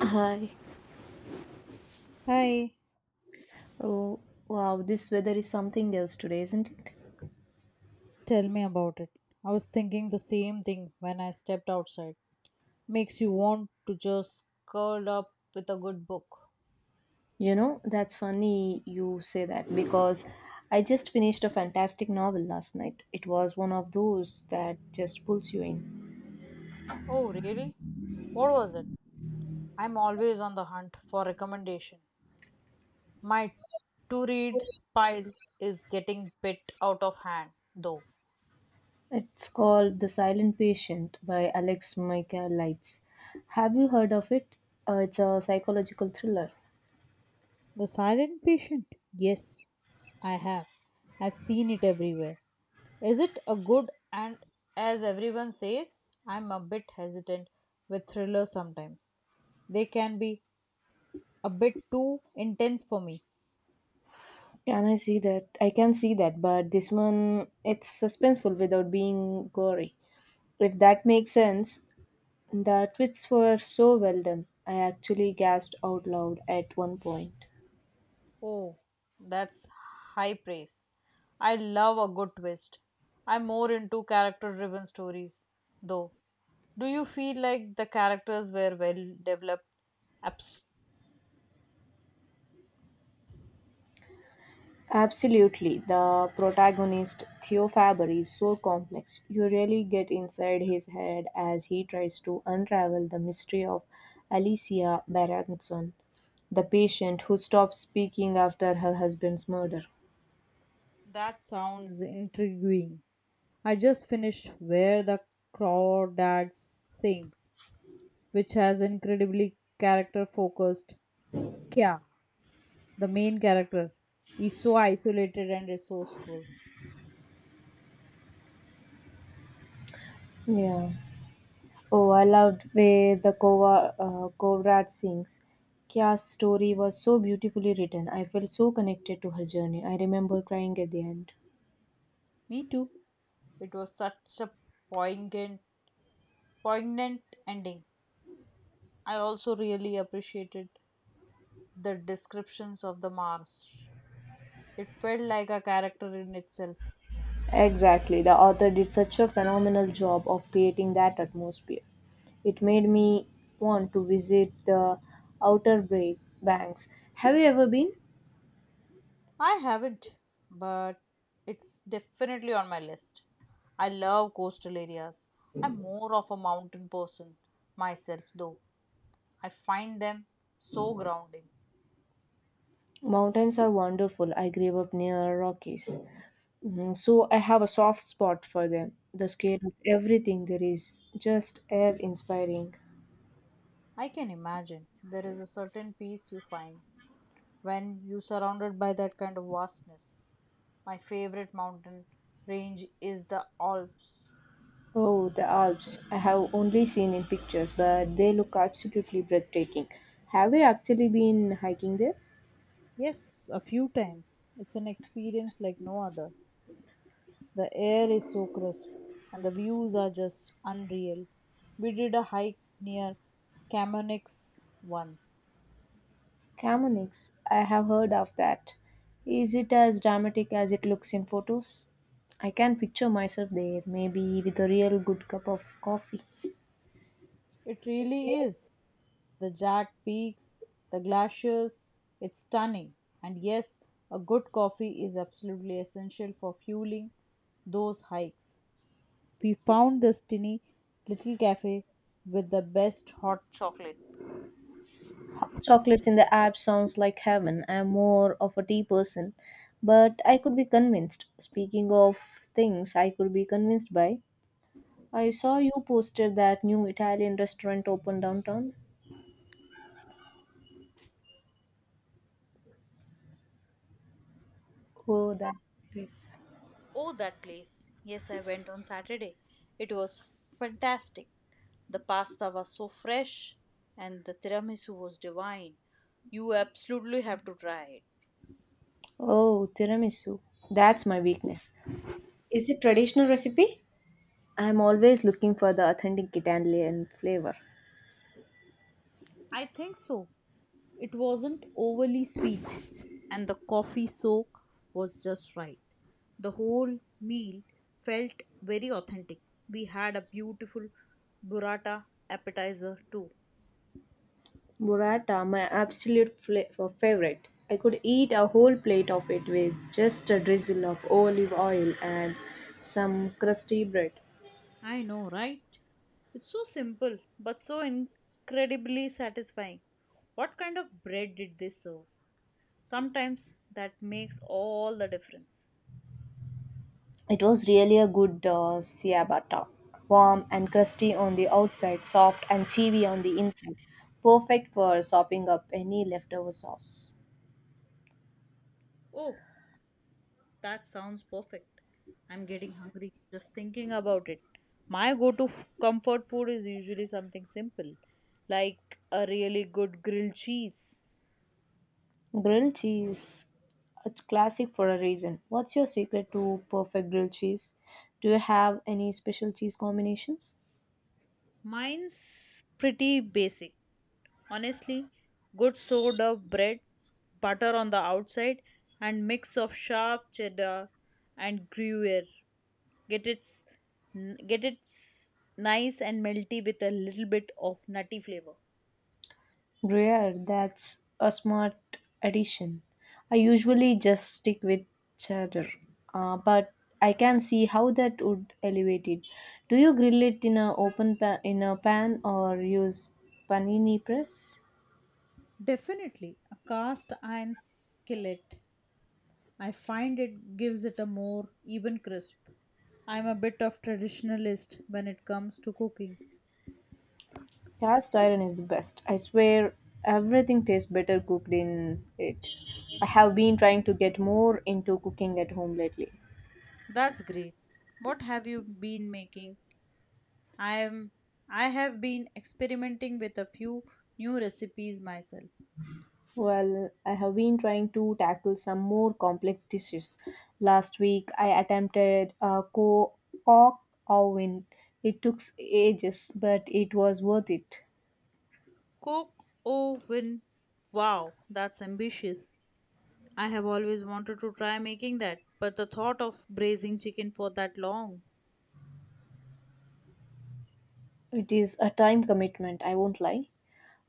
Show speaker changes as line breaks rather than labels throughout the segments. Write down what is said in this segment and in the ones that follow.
Hi.
Hi,
Oh, wow, this weather is something else today, isn't it?
tell me about it. I was thinking the same thing when I stepped outside. Makes you want to just curl up with a good book.
You know, that's funny you say that because I just finished a fantastic novel last night. It was one of those that just pulls you in.
Oh, really? What was it? I'm always on the hunt for recommendation. My to read pile is getting bit out of hand though.
It's called The Silent Patient by Alex Michael Lights. Have you heard of it? It's a psychological thriller.
The Silent Patient? Yes, I have. I've seen it everywhere. Is it a good and as everyone says, I'm a bit hesitant with thrillers sometimes. They can be a bit too intense for me.
Can I see that? I can see that, but this one, it's suspenseful without being gory. If that makes sense, the twists were so well done. I actually gasped out loud at one point.
Oh, that's high praise. I love a good twist. I'm more into character driven stories, though. Do you feel like the characters were well developed? Abs-
Absolutely. The protagonist, Theo Faber, is so complex. You really get inside his head as he tries to unravel the mystery of Alicia Berenson, the patient who stopped speaking after her husband's murder.
that sounds intriguing. I just finished Where the Crawdads Sings, which has incredibly character focused. Kya, the main character, is so isolated and resourceful.
Yeah. Oh, I loved way the Kovrat sings. Kya's story was so beautifully written. I felt so connected to her journey. I remember crying at the end.
Me too. It was such a poignant, poignant ending. I also really appreciated the descriptions of the Mars. It felt like a character in itself.
Exactly. The author did such a phenomenal job of creating that atmosphere. It made me want to visit the Outer Bay Banks. Have you ever been?
I haven't, but it's definitely on my list. I love coastal areas. I'm more of a mountain person myself, though. I find them so grounding.
Mountains are wonderful. I grew up near Rockies. Mhm. So I have a soft spot for them. The scale of everything there is just awe-inspiring.
I can imagine there is a certain peace you find when you're surrounded by that kind of vastness. My favorite mountain range is the Alps.
Oh, the Alps. I have only seen in pictures, but they look absolutely breathtaking. Have you actually been hiking there?
Yes, a few times. It's an experience like no other. The air is so crisp and the views are just unreal. We did a hike near Chamonix once.
Chamonix. I have heard of that. Is it as dramatic as it looks in photos? I can picture myself there, maybe with a real good cup of coffee.
It really is the jagged peaks, the glaciers. It's stunning. And yes, a good coffee is absolutely essential for fueling those hikes. We found this tiny little cafe with the best hot chocolate.
Hot chocolates in the app sounds like heaven. I'm more of a tea person, but I could be convinced. Speaking of things I could be convinced by, I saw you posted that new Italian restaurant opened downtown. Oh, that place.
Oh, that place. Yes, I went on Saturday. It was fantastic. The pasta was so fresh and the tiramisu was divine. You absolutely have to try it.
Oh, tiramisu. That's my weakness. Is it traditional recipe? I'm always looking for the authentic Italian flavor.
I think so. It wasn't overly sweet, and the coffee soak was just right. The whole meal felt very authentic. We had a beautiful burrata appetizer too.
Burrata, my absolute favorite. I could eat a whole plate of it with just a drizzle of olive oil and some crusty bread.
I know, right? It's so simple but so incredibly satisfying. What kind of bread did they serve? Sometimes that makes all the difference.
It was really a good ciabatta, warm and crusty on the outside, soft and chewy on the inside. Perfect for sopping up any leftover sauce.
Oh, that sounds perfect. I'm getting hungry just thinking about it. My go to comfort food is usually something simple, like a really good grilled cheese.
Grilled cheese, a classic for a reason. What's your secret to perfect grilled cheese? Do you have any special cheese combinations?
Mine's pretty basic. Honestly, good sort of bread, butter on the outside, and mix of sharp cheddar and gruyere. Get its get its nice and melty with a little bit of nutty flavor.
Rare, that's a smart addition. I usually just stick with cheddar, but I can see how that would elevate it. Do you grill it in a pan or use panini press?
Definitely, a cast iron skillet. I find it gives it a more even crisp. I'm a bit of traditionalist when it comes to cooking.
Cast iron is the best. I swear everything tastes better cooked in it. I have been trying to get more into cooking at home lately.
That's great. What have you been making? I am I have been experimenting with a few new recipes myself.
Well, I have been trying to tackle some more complex dishes. Last week, I attempted a cock oven. It took ages, but it was worth it.
Cook oven. Wow, that's ambitious. I have always wanted to try making that, but the thought of braising chicken for that long.
It is a time commitment, I won't lie.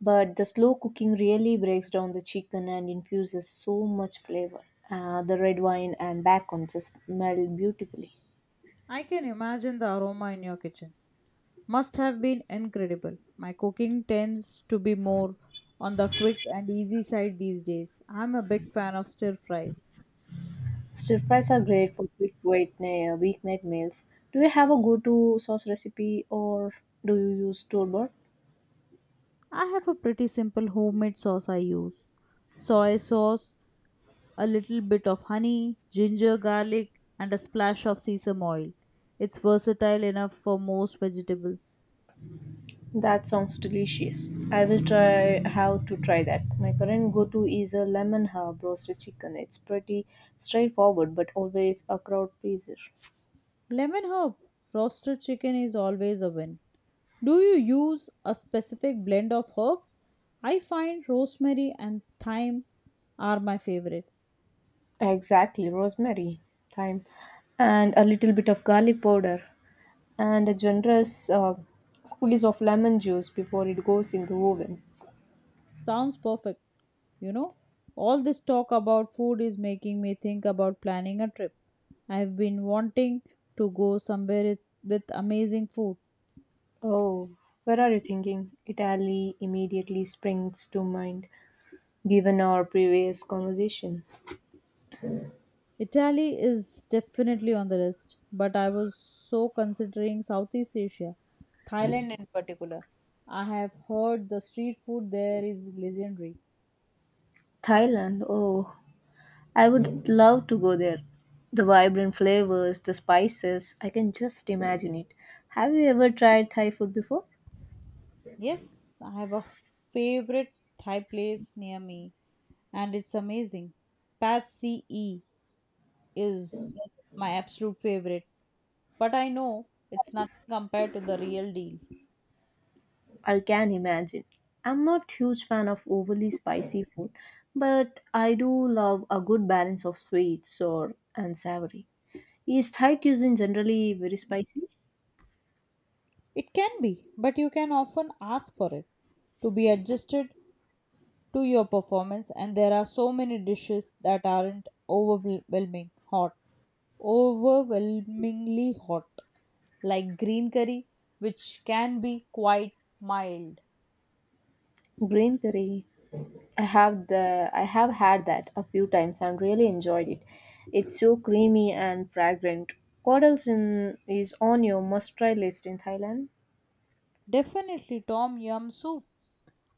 But the slow cooking really breaks down the chicken and infuses so much flavor. The red wine and bacon just meld beautifully.
I can imagine the aroma in your kitchen must have been incredible. My cooking tends to be more on the quick and easy side these days. I'm a big fan of stir fries.
Stir fries are great for quick weeknight meals. Do you have a go-to sauce recipe or do you use store-bought?
I have a pretty simple homemade sauce I use: soy sauce, a little bit of honey, ginger, garlic, and a splash of sesame oil. It's versatile enough for most vegetables.
That sounds delicious. I will try how to try that. My current go-to is a lemon herb roasted chicken. It's pretty straightforward, but always a crowd pleaser.
Lemon herb, roasted chicken is always a win. Do you use a specific blend of herbs? I find rosemary and thyme are my favorites.
Exactly, rosemary, thyme, and a little bit of garlic powder, and a generous squeeze of lemon juice before it goes in the oven.
Sounds perfect, you know. All this talk about food is making me think about planning a trip. I've been wanting to go with amazing food.
Oh, where are you thinking? Italy immediately springs to mind given our previous conversation.
Italy is definitely on the list, but I was so considering Southeast Asia, Thailand in particular. I have heard the street food there is legendary.
Thailand, oh, I would love to go there. The vibrant flavors, the spices, I can just imagine it. Have you ever tried Thai food before?
Yes, I have a favorite Thai place near me, and it's amazing. Pad C E is my absolute favorite, but I know it's nothing compared to the real deal.
I can imagine. I'm not huge fan of overly spicy food, but I do love a good balance of sweet, sour, and savory. Is Thai cuisine generally very spicy?
It can be, but you can often ask for it to be adjusted to your performance, and there are so many dishes that aren't overwhelmingly hot, like green curry, which can be quite mild.
Green curry. I have had that a few times and really enjoyed it. It's so creamy and fragrant. What else is on your must-try list in Thailand?
Definitely Tom Yum soup.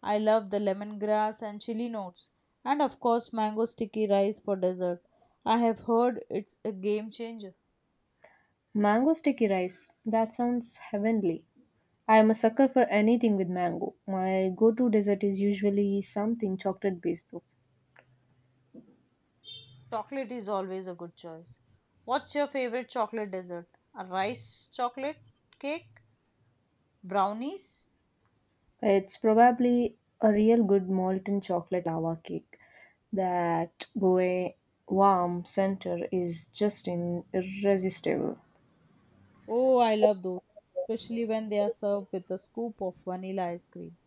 I love the lemongrass and chili notes. And of course, mango sticky rice for dessert. I have heard it's a game changer.
Mango sticky rice. That sounds heavenly. I am a sucker for anything with mango. My go-to dessert is usually something chocolate-based though.
Chocolate is always a good choice. What's your favorite chocolate dessert? A rice chocolate cake? Brownies?
It's probably a real good molten chocolate lava cake. That goe warm center is just in irresistible.
Oh, I love those, especially when they are served with a scoop of vanilla ice cream.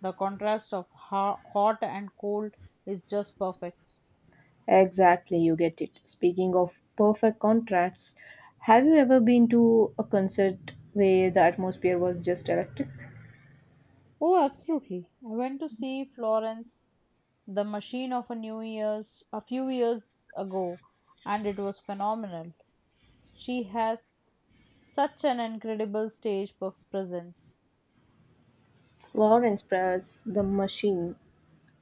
The contrast of hot and cold is just perfect.
Exactly, you get it. Speaking of perfect contrasts, have you ever been to a concert where the atmosphere was just electric?
Oh, absolutely. I went to see Florence the machine of a new year's a few years ago and it was phenomenal. She has such an incredible presence.
Lawrence Press, The Machine.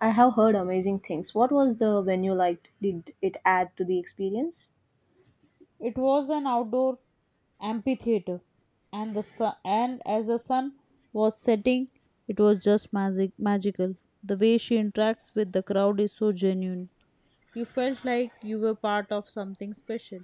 I have heard amazing things. What was the venue like? Did it add to the experience?
It was an outdoor amphitheater, and as the sun was setting it was just magical. The way she interacts with the crowd is so genuine. You felt like you were part of something special.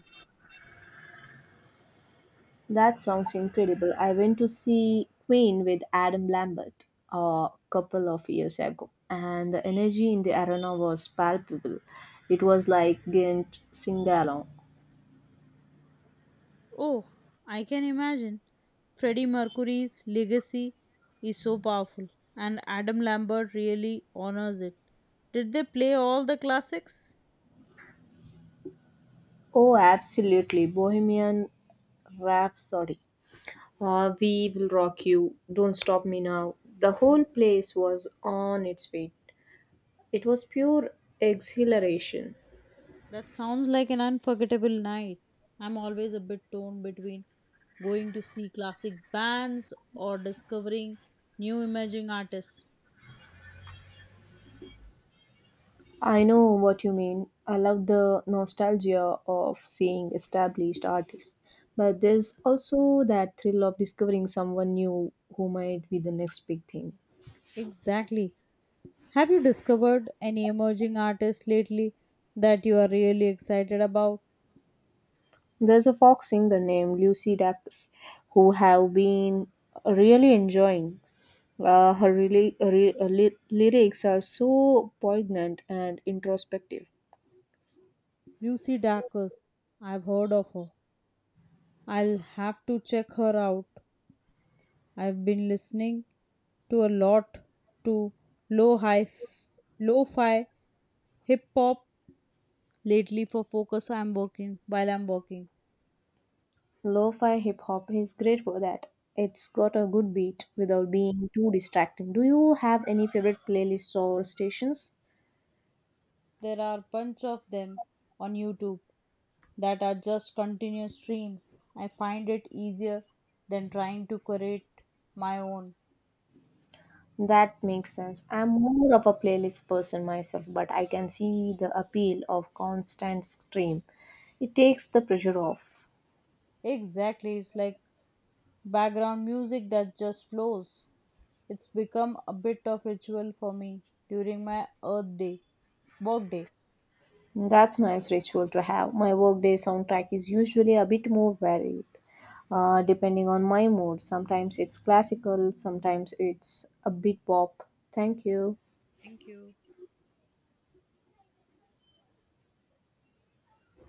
That sounds incredible. I went to see Queen with Adam Lambert a couple of years ago, and the energy in the arena was palpable. It was like Ghent sing along.
Oh, I can imagine. Freddie Mercury's legacy is so powerful, and Adam Lambert really honors it. Did they play all the classics?
Oh, absolutely. Bohemian Rhapsody. We will rock you. Don't stop me now. The whole place was on its feet. It was pure exhilaration.
That sounds like an unforgettable night. I'm always a bit torn between going to see classic bands or discovering new emerging artists.
I know what you mean. I love the nostalgia of seeing established artists. But there's also that thrill of discovering someone new who might be the next big thing.
Exactly. Have you discovered any emerging artists lately that you are really excited about?
There's a folk singer named Lucy Dacus who have been really enjoying. Her lyrics are so poignant and introspective.
Lucy Dacus. I've heard of her. I'll have to check her out. I've been listening to a lot to low hi lo-fi hip hop lately for focus. I'm working while I'm working.
Lo-fi hip hop is great for that. It's got a good beat without being too distracting. Do you have any favorite playlists or stations?
There are a bunch of them on YouTube that are just continuous streams. I find it easier than trying to create my own.
That makes sense. I'm more of a playlist person myself, but I can see the appeal of constant stream. It takes the pressure off.
Exactly, it's like background music that just flows. It's become a bit of ritual for me during my Earth Day work day.
That's nice ritual to have. My workday soundtrack is usually a bit more varied, depending on my mood. Sometimes it's classical, sometimes it's a bit pop. Thank you.
Thank you.